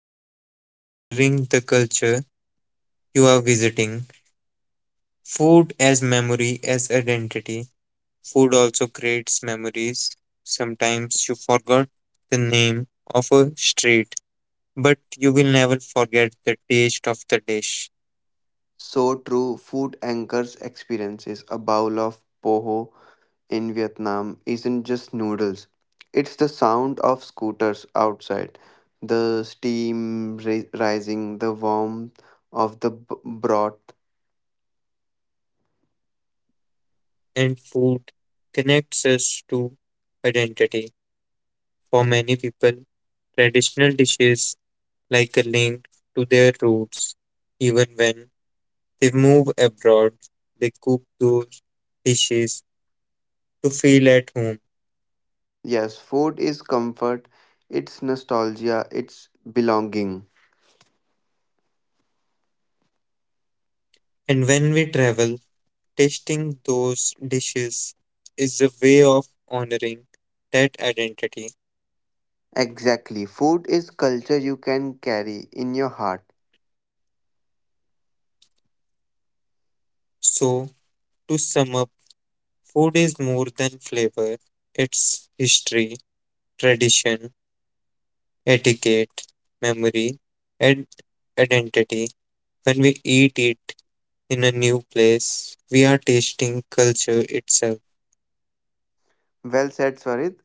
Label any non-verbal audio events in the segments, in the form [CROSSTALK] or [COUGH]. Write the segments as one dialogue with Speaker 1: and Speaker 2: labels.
Speaker 1: It's about honoring the culture you are visiting. Food as memory, as identity. Food also creates memories. Sometimes you forgot the name of a street, but you will never forget the taste of the dish.
Speaker 2: So true. Food anchors experiences. A bowl of poho in Vietnam isn't just noodles. It's the sound of scooters outside, the steam rising, the warmth of the broth.
Speaker 1: And food connects us to identity. For many people, traditional dishes like a link to their roots, even when they move abroad, they cook those dishes to feel at home.
Speaker 2: Yes, food is comfort, it's nostalgia, it's belonging.
Speaker 1: And when we travel, tasting those dishes is a way of honoring that identity.
Speaker 2: Exactly. Food is culture you can carry in your heart.
Speaker 1: So, to sum up, food is more than flavor, it's history, tradition, etiquette, memory, and identity. When we eat it in a new place, we are tasting culture itself.
Speaker 2: Well said, Swarit.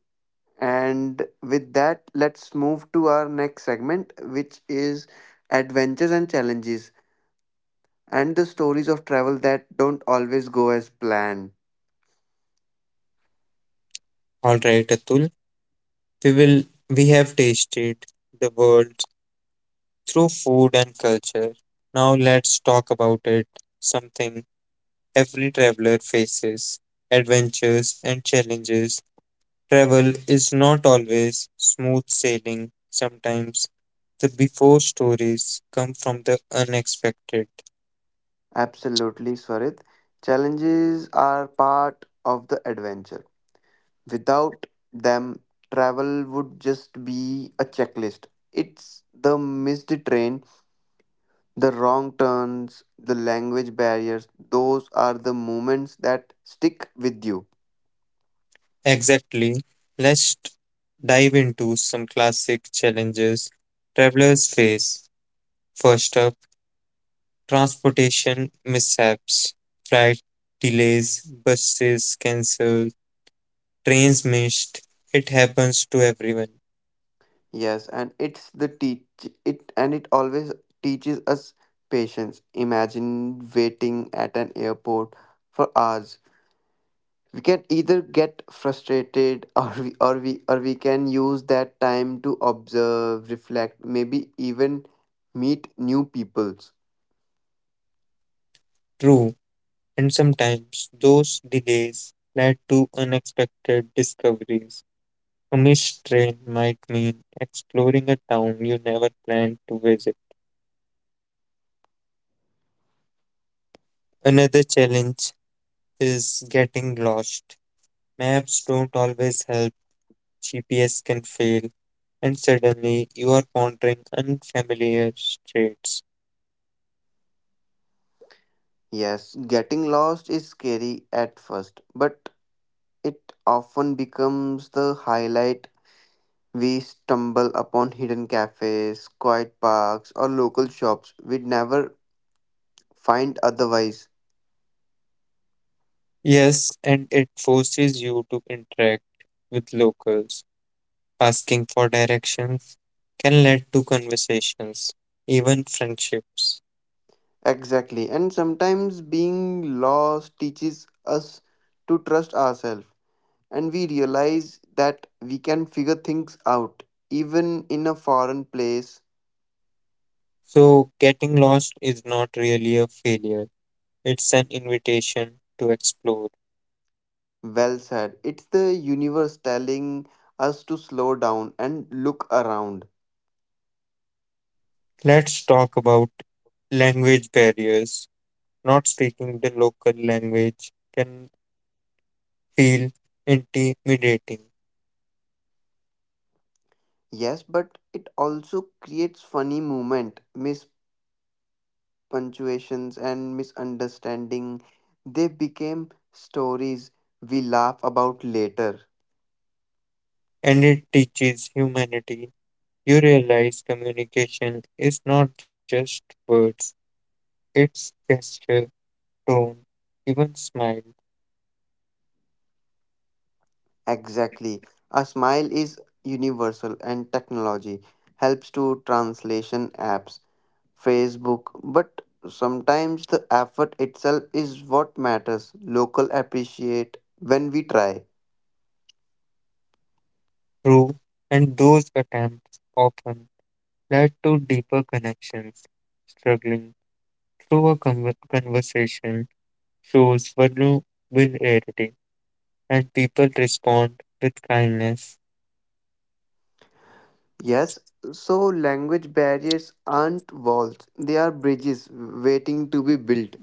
Speaker 2: And with that, let's move to our next segment, which is adventures and challenges and the stories of travel that don't always go as planned.
Speaker 1: All right, Atul. We will we have tasted the world through food and culture. Now let's talk about it, something every traveler faces. Adventures and challenges. Travel is not always smooth sailing. Sometimes the before stories come from the unexpected.
Speaker 2: Absolutely, Swarit. Challenges are part of the adventure. Without them, travel would just be a checklist. It's the missed train, the wrong turns, the language barriers. Those are the moments that stick with you.
Speaker 1: Exactly. Let's dive into some classic challenges travelers face. First up, transportation mishaps, flight delays, buses cancelled, trains missed. It happens to everyone.
Speaker 2: Yes, and it's the teach it and it always teaches us patience. Imagine waiting at an airport for hours. We can either get frustrated [LAUGHS] or we can use that time to observe, reflect, maybe even meet new peoples.
Speaker 1: True, and sometimes those delays led to unexpected discoveries. A missed train might mean exploring a town you never planned to visit. Another challenge is getting lost. Maps don't always help, GPS can fail, and suddenly you are pondering unfamiliar streets.
Speaker 2: Yes, getting lost is scary at first, but it often becomes the highlight. We stumble upon hidden cafes, quiet parks, or local shops we'd never find otherwise.
Speaker 1: Yes, and it forces you to interact with locals. Asking for directions can lead to conversations, even friendships.
Speaker 2: Exactly, and sometimes being lost teaches us to trust ourselves, and we realize that we can figure things out even in a foreign place.
Speaker 1: So, getting lost is not really a failure, it's an invitation to explore.
Speaker 2: Well said. It's the universe telling us to slow down and look around.
Speaker 1: Let's talk about language barriers. Not speaking the local language can feel intimidating,
Speaker 2: Yes, but it also creates funny moment, punctuations, and misunderstanding. They became stories we laugh about later.
Speaker 1: and it teaches humanity. You realize communication is not just words, it's gesture, tone, even smile,
Speaker 2: Exactly. A smile is universal and technology helps to translation apps, Facebook, but sometimes the effort itself is what matters. Local appreciate when we try.
Speaker 1: through, and those attempts often led to deeper connections. Struggling through a conversation shows vulnerability, and people respond with kindness.
Speaker 2: Yes, so language barriers aren't walls, they are bridges waiting to be built.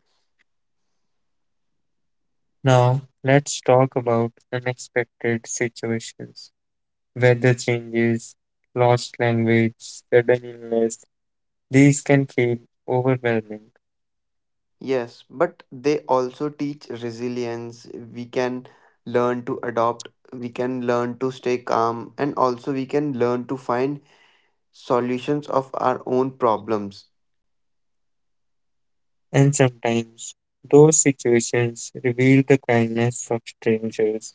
Speaker 1: Now, let's talk about unexpected situations. Weather changes, lost language, sudden illness, these can feel overwhelming.
Speaker 2: Yes, but they also teach resilience. We can learn to adopt, we can learn to stay calm, and also we can learn to find solutions of our own problems.
Speaker 1: And sometimes those situations reveal the kindness of strangers,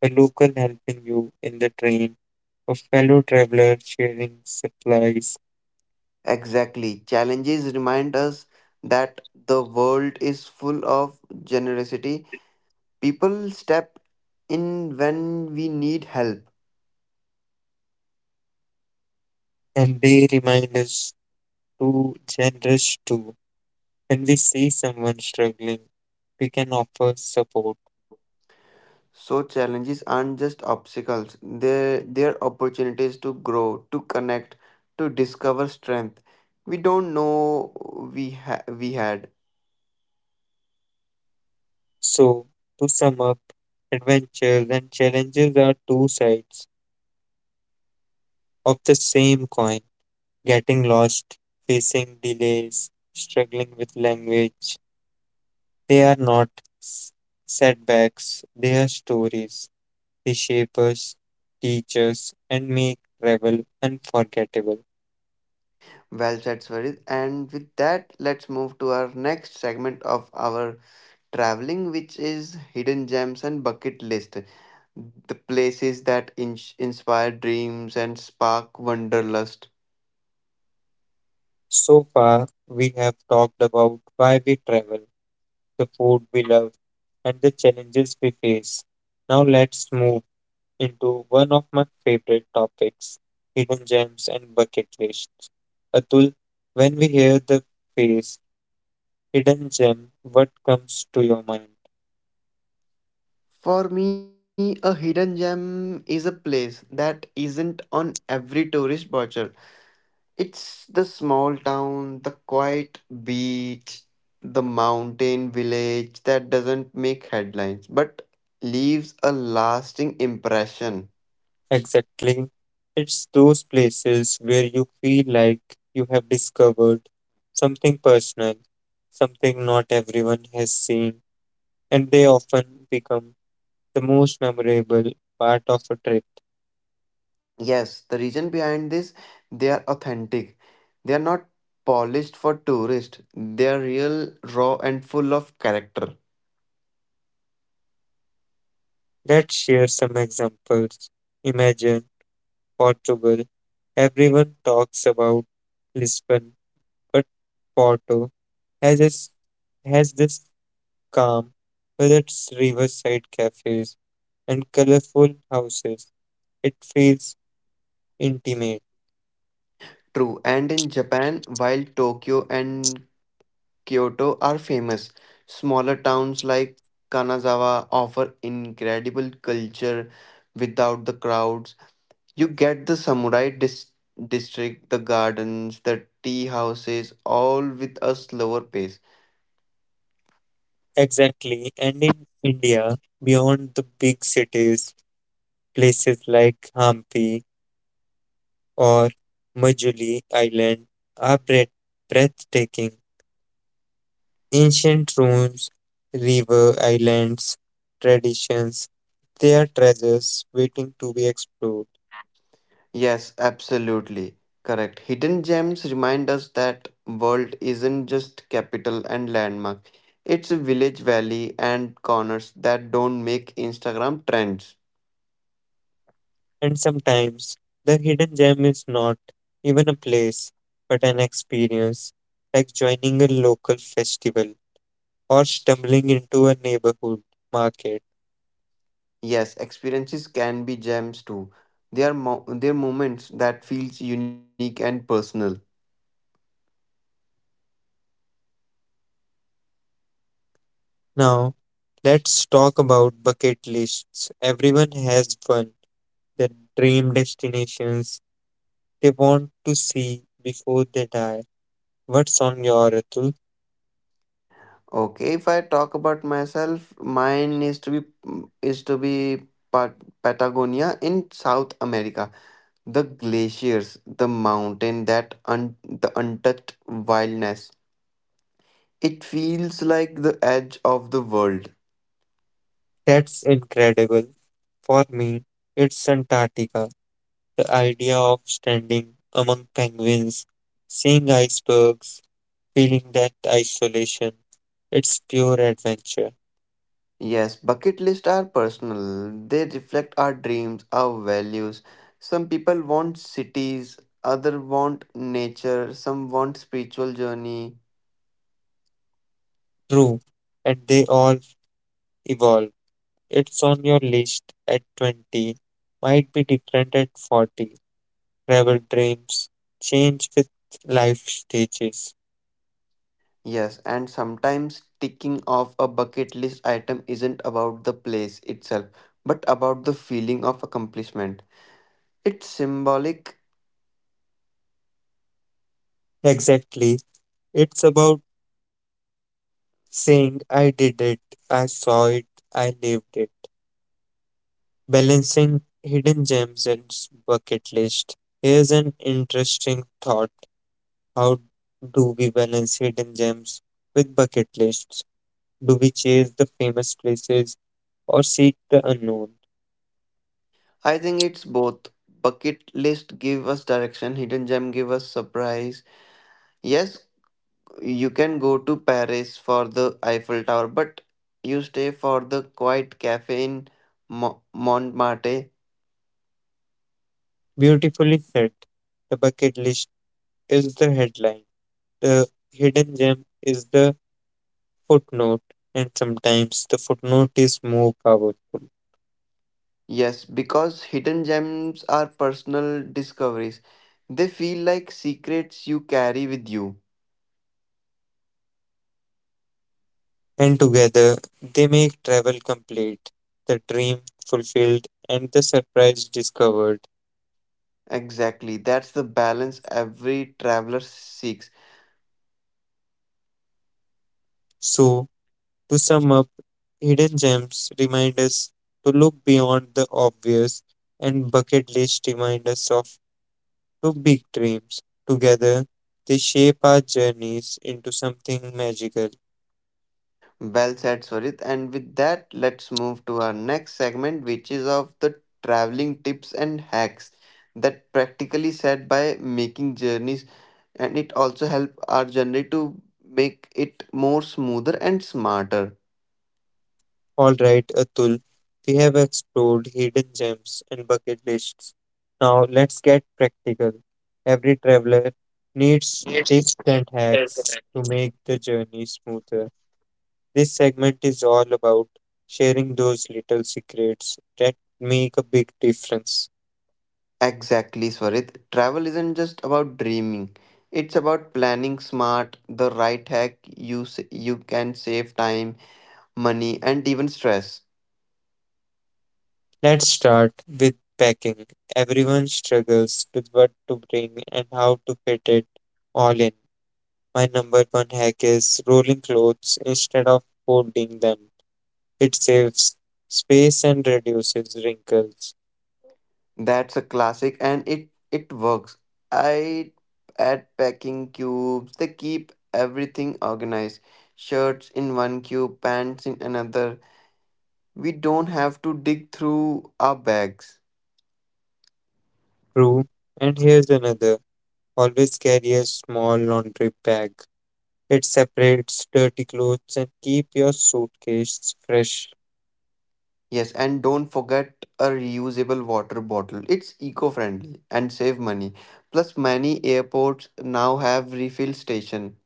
Speaker 1: a local helping you in the train, a fellow traveler sharing supplies,
Speaker 2: Exactly. Challenges remind us that the world is full of generosity. People step in when we need help.
Speaker 1: and they remind us to generous too. When we see someone struggling, we can offer support.
Speaker 2: So challenges aren't just obstacles. They're opportunities to grow, to connect, to discover strength. We don't know we had.
Speaker 1: So, to sum up, adventures and challenges are two sides of the same coin, getting lost, facing delays, struggling with language. They are not s- setbacks, they are stories. They shape us, teach us, and make travel unforgettable.
Speaker 2: Well said, Swarit. And with that, let's move to our next segment of our traveling, which is hidden gems and bucket list. The places that inspire dreams and spark wanderlust.
Speaker 1: So far, we have talked about why we travel, the food we love, and the challenges we face. Now, let's move into one of my favorite topics, hidden gems and bucket lists. Atul, when we hear the phrase hidden gem, what comes to your mind?
Speaker 2: For me, a hidden gem is a place that isn't on every tourist brochure. It's the small town, the quiet beach, the mountain village that doesn't make headlines but leaves a lasting impression.
Speaker 1: Exactly. It's those places where you feel like you have discovered something personal, something not everyone has seen, and they often become the most memorable part of a trip.
Speaker 2: Yes, the reason behind this, they are authentic. They are not polished for tourists. They are real, raw, and full of character.
Speaker 1: Let's share some examples. Imagine Portugal. Everyone talks about Lisbon, but Porto has this, has this calm with its riverside cafes and colorful houses. It feels intimate.
Speaker 2: True. And in Japan, while Tokyo and Kyoto are famous. Smaller towns like Kanazawa offer incredible culture without the crowds. You get the district, the gardens, the tea houses, all with a slower pace.
Speaker 1: Exactly. And in India, beyond the big cities, places like Hampi or Majuli Island are breathtaking. Ancient ruins, river islands, traditions, they are treasures waiting to be explored.
Speaker 2: Yes, absolutely. Correct. Hidden gems remind us that world isn't just capital and landmark. It's a village, valley, and corners that don't make Instagram trends.
Speaker 1: And sometimes the hidden gem is not even a place, but an experience, like joining a local festival or stumbling into a neighborhood market.
Speaker 2: Yes, experiences can be gems too. They are moments that feels unique and personal.
Speaker 1: Now, let's talk about bucket lists. Everyone has one, their dream destinations they want to see before they die. What's on your Atul?
Speaker 2: Okay, if I talk about myself, mine is to be Patagonia in South America. The glaciers, the mountain, the untouched wildness. It feels like the edge of the world.
Speaker 1: That's incredible. For me, it's Antarctica. The idea of standing among penguins, seeing icebergs, feeling that isolation, it's pure adventure.
Speaker 2: Yes, bucket lists are personal. They reflect our dreams, our values. Some people want cities, other want nature, some want spiritual journey.
Speaker 1: True, and they all evolve. It's on your list at 20, might be different at 40. Travel dreams change with life stages.
Speaker 2: Yes, and sometimes ticking off a bucket list item isn't about the place itself, but about the feeling of accomplishment. It's symbolic.
Speaker 1: Exactly. It's about saying, I did it, I saw it, I lived it. Balancing hidden gems and bucket list. Here's an interesting thought. How do we balance hidden gems with bucket lists? Do we chase the famous places or seek the unknown?
Speaker 2: I think it's both. Bucket list give us direction, hidden gem give us surprise. Yes, you can go to Paris for the Eiffel Tower, but you stay for the quiet cafe in Montmartre.
Speaker 1: Beautifully said. The bucket list is the headline, the hidden gem is the footnote, and sometimes the footnote is more powerful.
Speaker 2: Yes, because hidden gems are personal discoveries. They feel like secrets you carry with you.
Speaker 1: And together they make travel complete, the dream fulfilled, and the surprise discovered.
Speaker 2: Exactly, that's the balance every traveler seeks.
Speaker 1: So, to sum up, hidden gems remind us to look beyond the obvious, and bucket list remind us of two big dreams. Together, they shape our journeys into something magical.
Speaker 2: Well said, Swarit. And with that, let's move to our next segment, which is of the traveling tips and hacks that practically said by making journeys and it also help our journey to make it more smoother and smarter.
Speaker 1: All right, Atul, we have explored hidden gems and bucket lists. Now let's get practical. Every traveler needs
Speaker 2: Yes.
Speaker 1: tips and hacks to make the journey smoother. This segment is all about sharing those little secrets that make a big difference.
Speaker 2: Exactly, Swarit. Travel isn't just about dreaming. It's about planning smart, the right hack you can save time, money, and even stress.
Speaker 1: Let's start with packing. Everyone struggles with what to bring and how to fit it all in. My number one hack is rolling clothes instead of folding them. It saves space and reduces wrinkles.
Speaker 2: That's a classic, and it works. I add packing cubes. They keep everything organized. Shirts in one cube, pants in another. We don't have to dig through our bags.
Speaker 1: True. And here's another. Always carry a small laundry bag. It separates dirty clothes and keep your suitcase fresh.
Speaker 2: Yes, and don't forget a reusable water bottle. It's eco-friendly and save money. Plus, many airports now have refill station.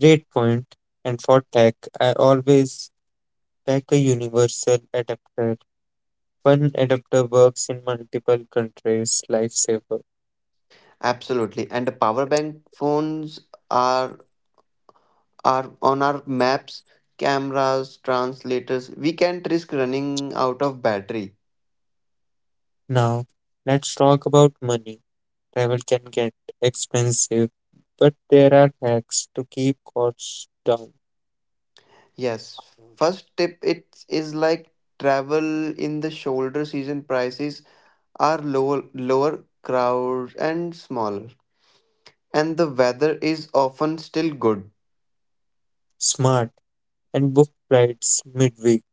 Speaker 1: Great point. And for tech, I always pack a universal adapter. One adapter works in multiple countries. Lifesaver.
Speaker 2: Absolutely. And the power bank phones are are on our maps, cameras, translators. We can't risk running out of battery.
Speaker 1: Now, let's talk about money. Travel can get expensive, but there are hacks to keep costs down.
Speaker 2: Yes. First tip it is like travel in the shoulder season prices are lower crowds, and smaller. And the weather is often still good.
Speaker 1: Smart. And book flights midweek,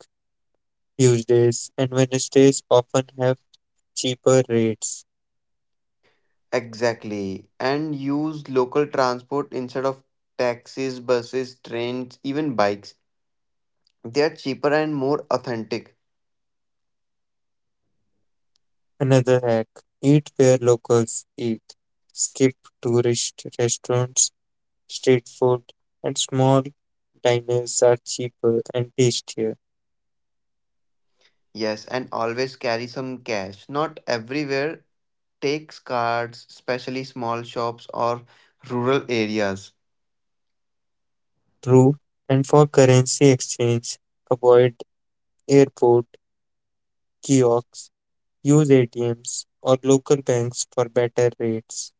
Speaker 1: Tuesdays and Wednesdays often have cheaper rates.
Speaker 2: Exactly. And use local transport instead of taxis, buses, trains, even bikes. They are cheaper and more authentic.
Speaker 1: Another hack, eat where locals eat. Skip tourist restaurants, street food and small diners are cheaper and tastier.
Speaker 2: Yes, and always carry some cash. Not everywhere takes cards, especially small shops or rural areas.
Speaker 1: True, and for currency exchange, avoid airport kiosks. Use ATMs or local banks for better rates.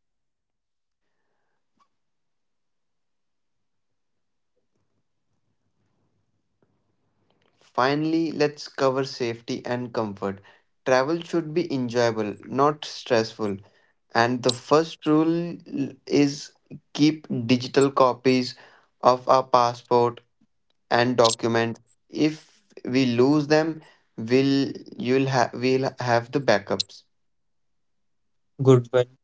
Speaker 2: Finally, let's cover safety and comfort. Travel should be enjoyable, not stressful. And the first rule is keep digital copies of our passport and document. If we lose them, we'll we'll have the backups.
Speaker 1: Good one.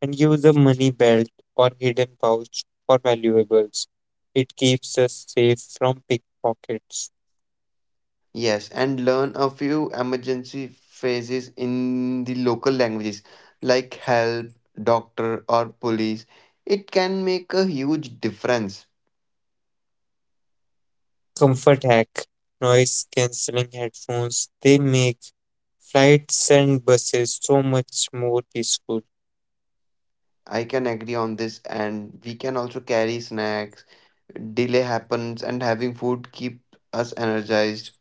Speaker 1: And use a money belt or hidden pouch for valuables. It keeps us safe from pickpockets.
Speaker 2: Yes, and learn a few emergency phrases in the local languages like help, doctor, or police. It can make a huge difference.
Speaker 1: Comfort hack. Noise cancelling headphones. They make flights and buses so much more peaceful.
Speaker 2: I can agree on this, and we can also carry snacks. Delay happens, and having food keep us energized.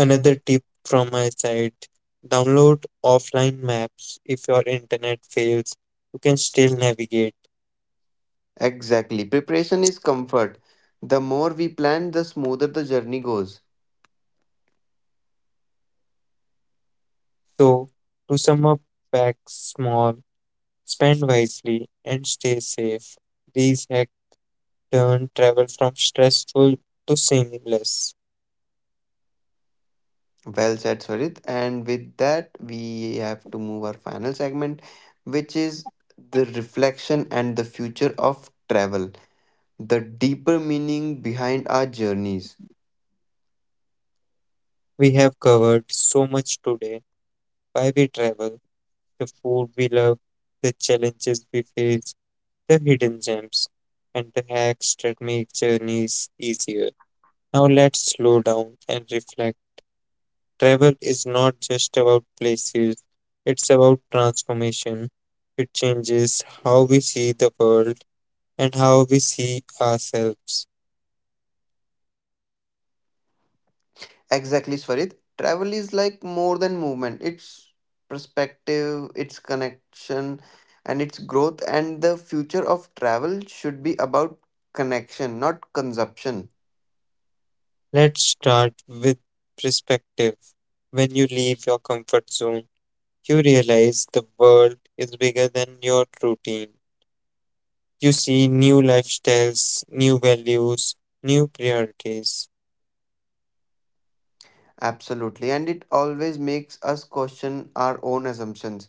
Speaker 1: Another tip from my side, download offline maps. If your internet fails, you can still navigate.
Speaker 2: Exactly. Preparation is comfort. The more we plan, the smoother the journey goes.
Speaker 1: So, to sum up, pack small, spend wisely, and stay safe. These hacks turn travel from stressful to seamless.
Speaker 2: Well said, Swarit. And with that, we have to move our final segment, which is the reflection and the future of travel, the deeper meaning behind our journeys.
Speaker 1: We have covered so much today, why we travel, the food we love, the challenges we face, the hidden gems, and the hacks that make journeys easier. Now, let's slow down and reflect. Travel is not just about places, it's about transformation. It changes how we see the world and how we see ourselves.
Speaker 2: Exactly, Swarid. Travel is like more than movement. It's perspective, it's connection, and it's growth. And the future of travel should be about connection, not consumption.
Speaker 1: Let's start with perspective. When you leave your comfort zone, you realize the world is bigger than your routine. You see new lifestyles, new values, new priorities,
Speaker 2: Absolutely. And it always makes us question our own assumptions.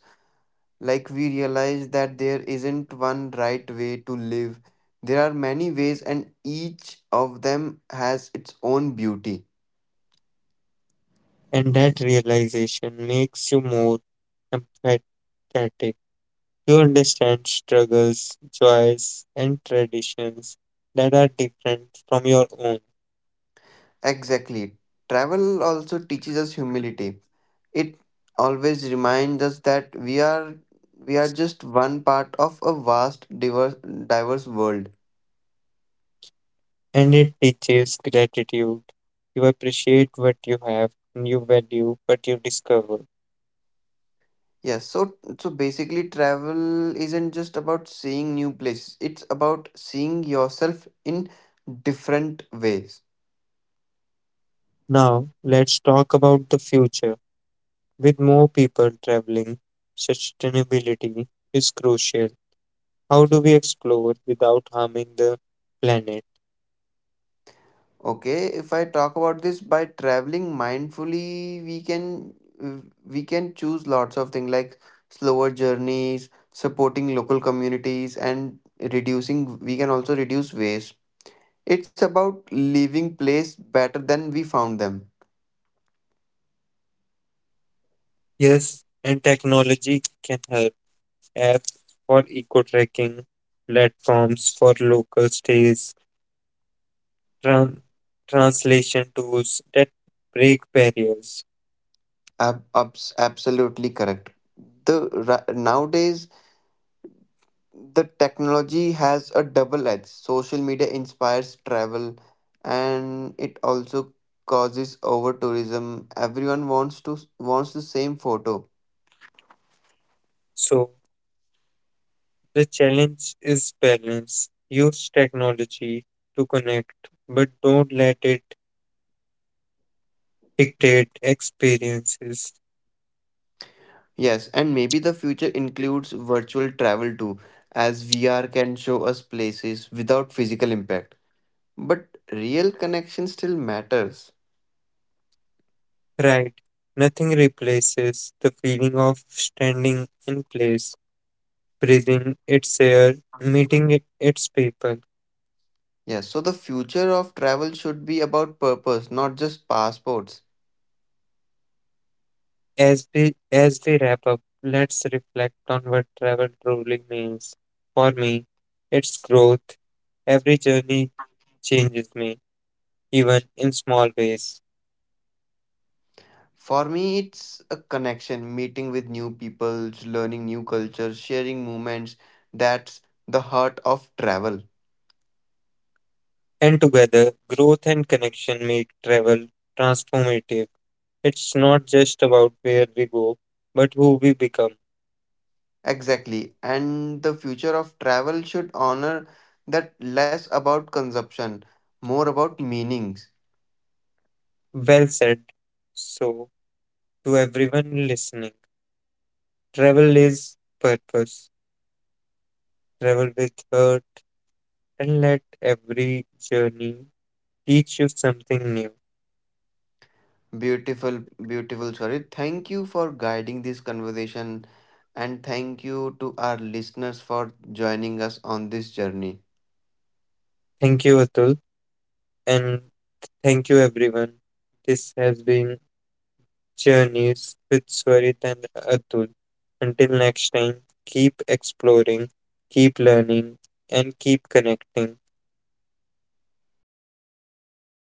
Speaker 2: Like we realize that there isn't one right way to live. There are many ways, and each of them has its own beauty.
Speaker 1: and that realization makes you more empathetic. You understand struggles, joys, and traditions that are different from your own,
Speaker 2: Exactly. Travel also teaches us humility, it always reminds us that we are just one part of a vast diverse world.
Speaker 1: and it teaches gratitude. You appreciate what you have, and you value what you discover.
Speaker 2: Yes, so, so basically travel isn't just about seeing new places, it's about seeing yourself in different ways.
Speaker 1: Now, let's talk about the future. With more people traveling, sustainability is crucial. How do we explore without harming the planet?
Speaker 2: Okay, if I talk about this, by traveling mindfully, we can choose lots of things like slower journeys, supporting local communities, and reducing, we can also reduce waste. It's about leaving place better than we found them.
Speaker 1: Yes, and technology can help, apps for eco tracking, platforms for local stays, tran- translation tools that break barriers.
Speaker 2: Absolutely correct. Nowadays, the technology has a double edge. Social media inspires travel, and it also causes over tourism. Everyone wants the same photo.
Speaker 1: So the challenge is balance. Use technology to connect, but don't let it dictate experiences.
Speaker 2: Yes, and maybe the future includes virtual travel too, as VR can show us places without physical impact. But real connection still matters.
Speaker 1: Right. Nothing replaces the feeling of standing in place, breathing its air, meeting its people.
Speaker 2: Yes, so the future of travel should be about purpose, not just passports.
Speaker 1: As we wrap up, let's reflect on what travel truly means. For me, it's growth. Every journey changes me, even in small ways.
Speaker 2: For me, it's a connection, meeting with new people, learning new cultures, sharing moments. That's the heart of travel.
Speaker 1: And together, growth and connection make travel transformative. It's not just about where we go, but who we become.
Speaker 2: Exactly. And the future of travel should honor that less about consumption, more about meanings.
Speaker 1: Well said. So, to everyone listening, travel is purpose. Travel with heart and let every journey teach you something new.
Speaker 2: Beautiful, beautiful, sorry. Thank you for guiding this conversation, and thank you to our listeners for joining us on this journey.
Speaker 1: Thank you, Atul, and thank you, everyone. This has been Journeys with Swarit and Atul. Until next time, keep exploring, keep learning, and keep connecting.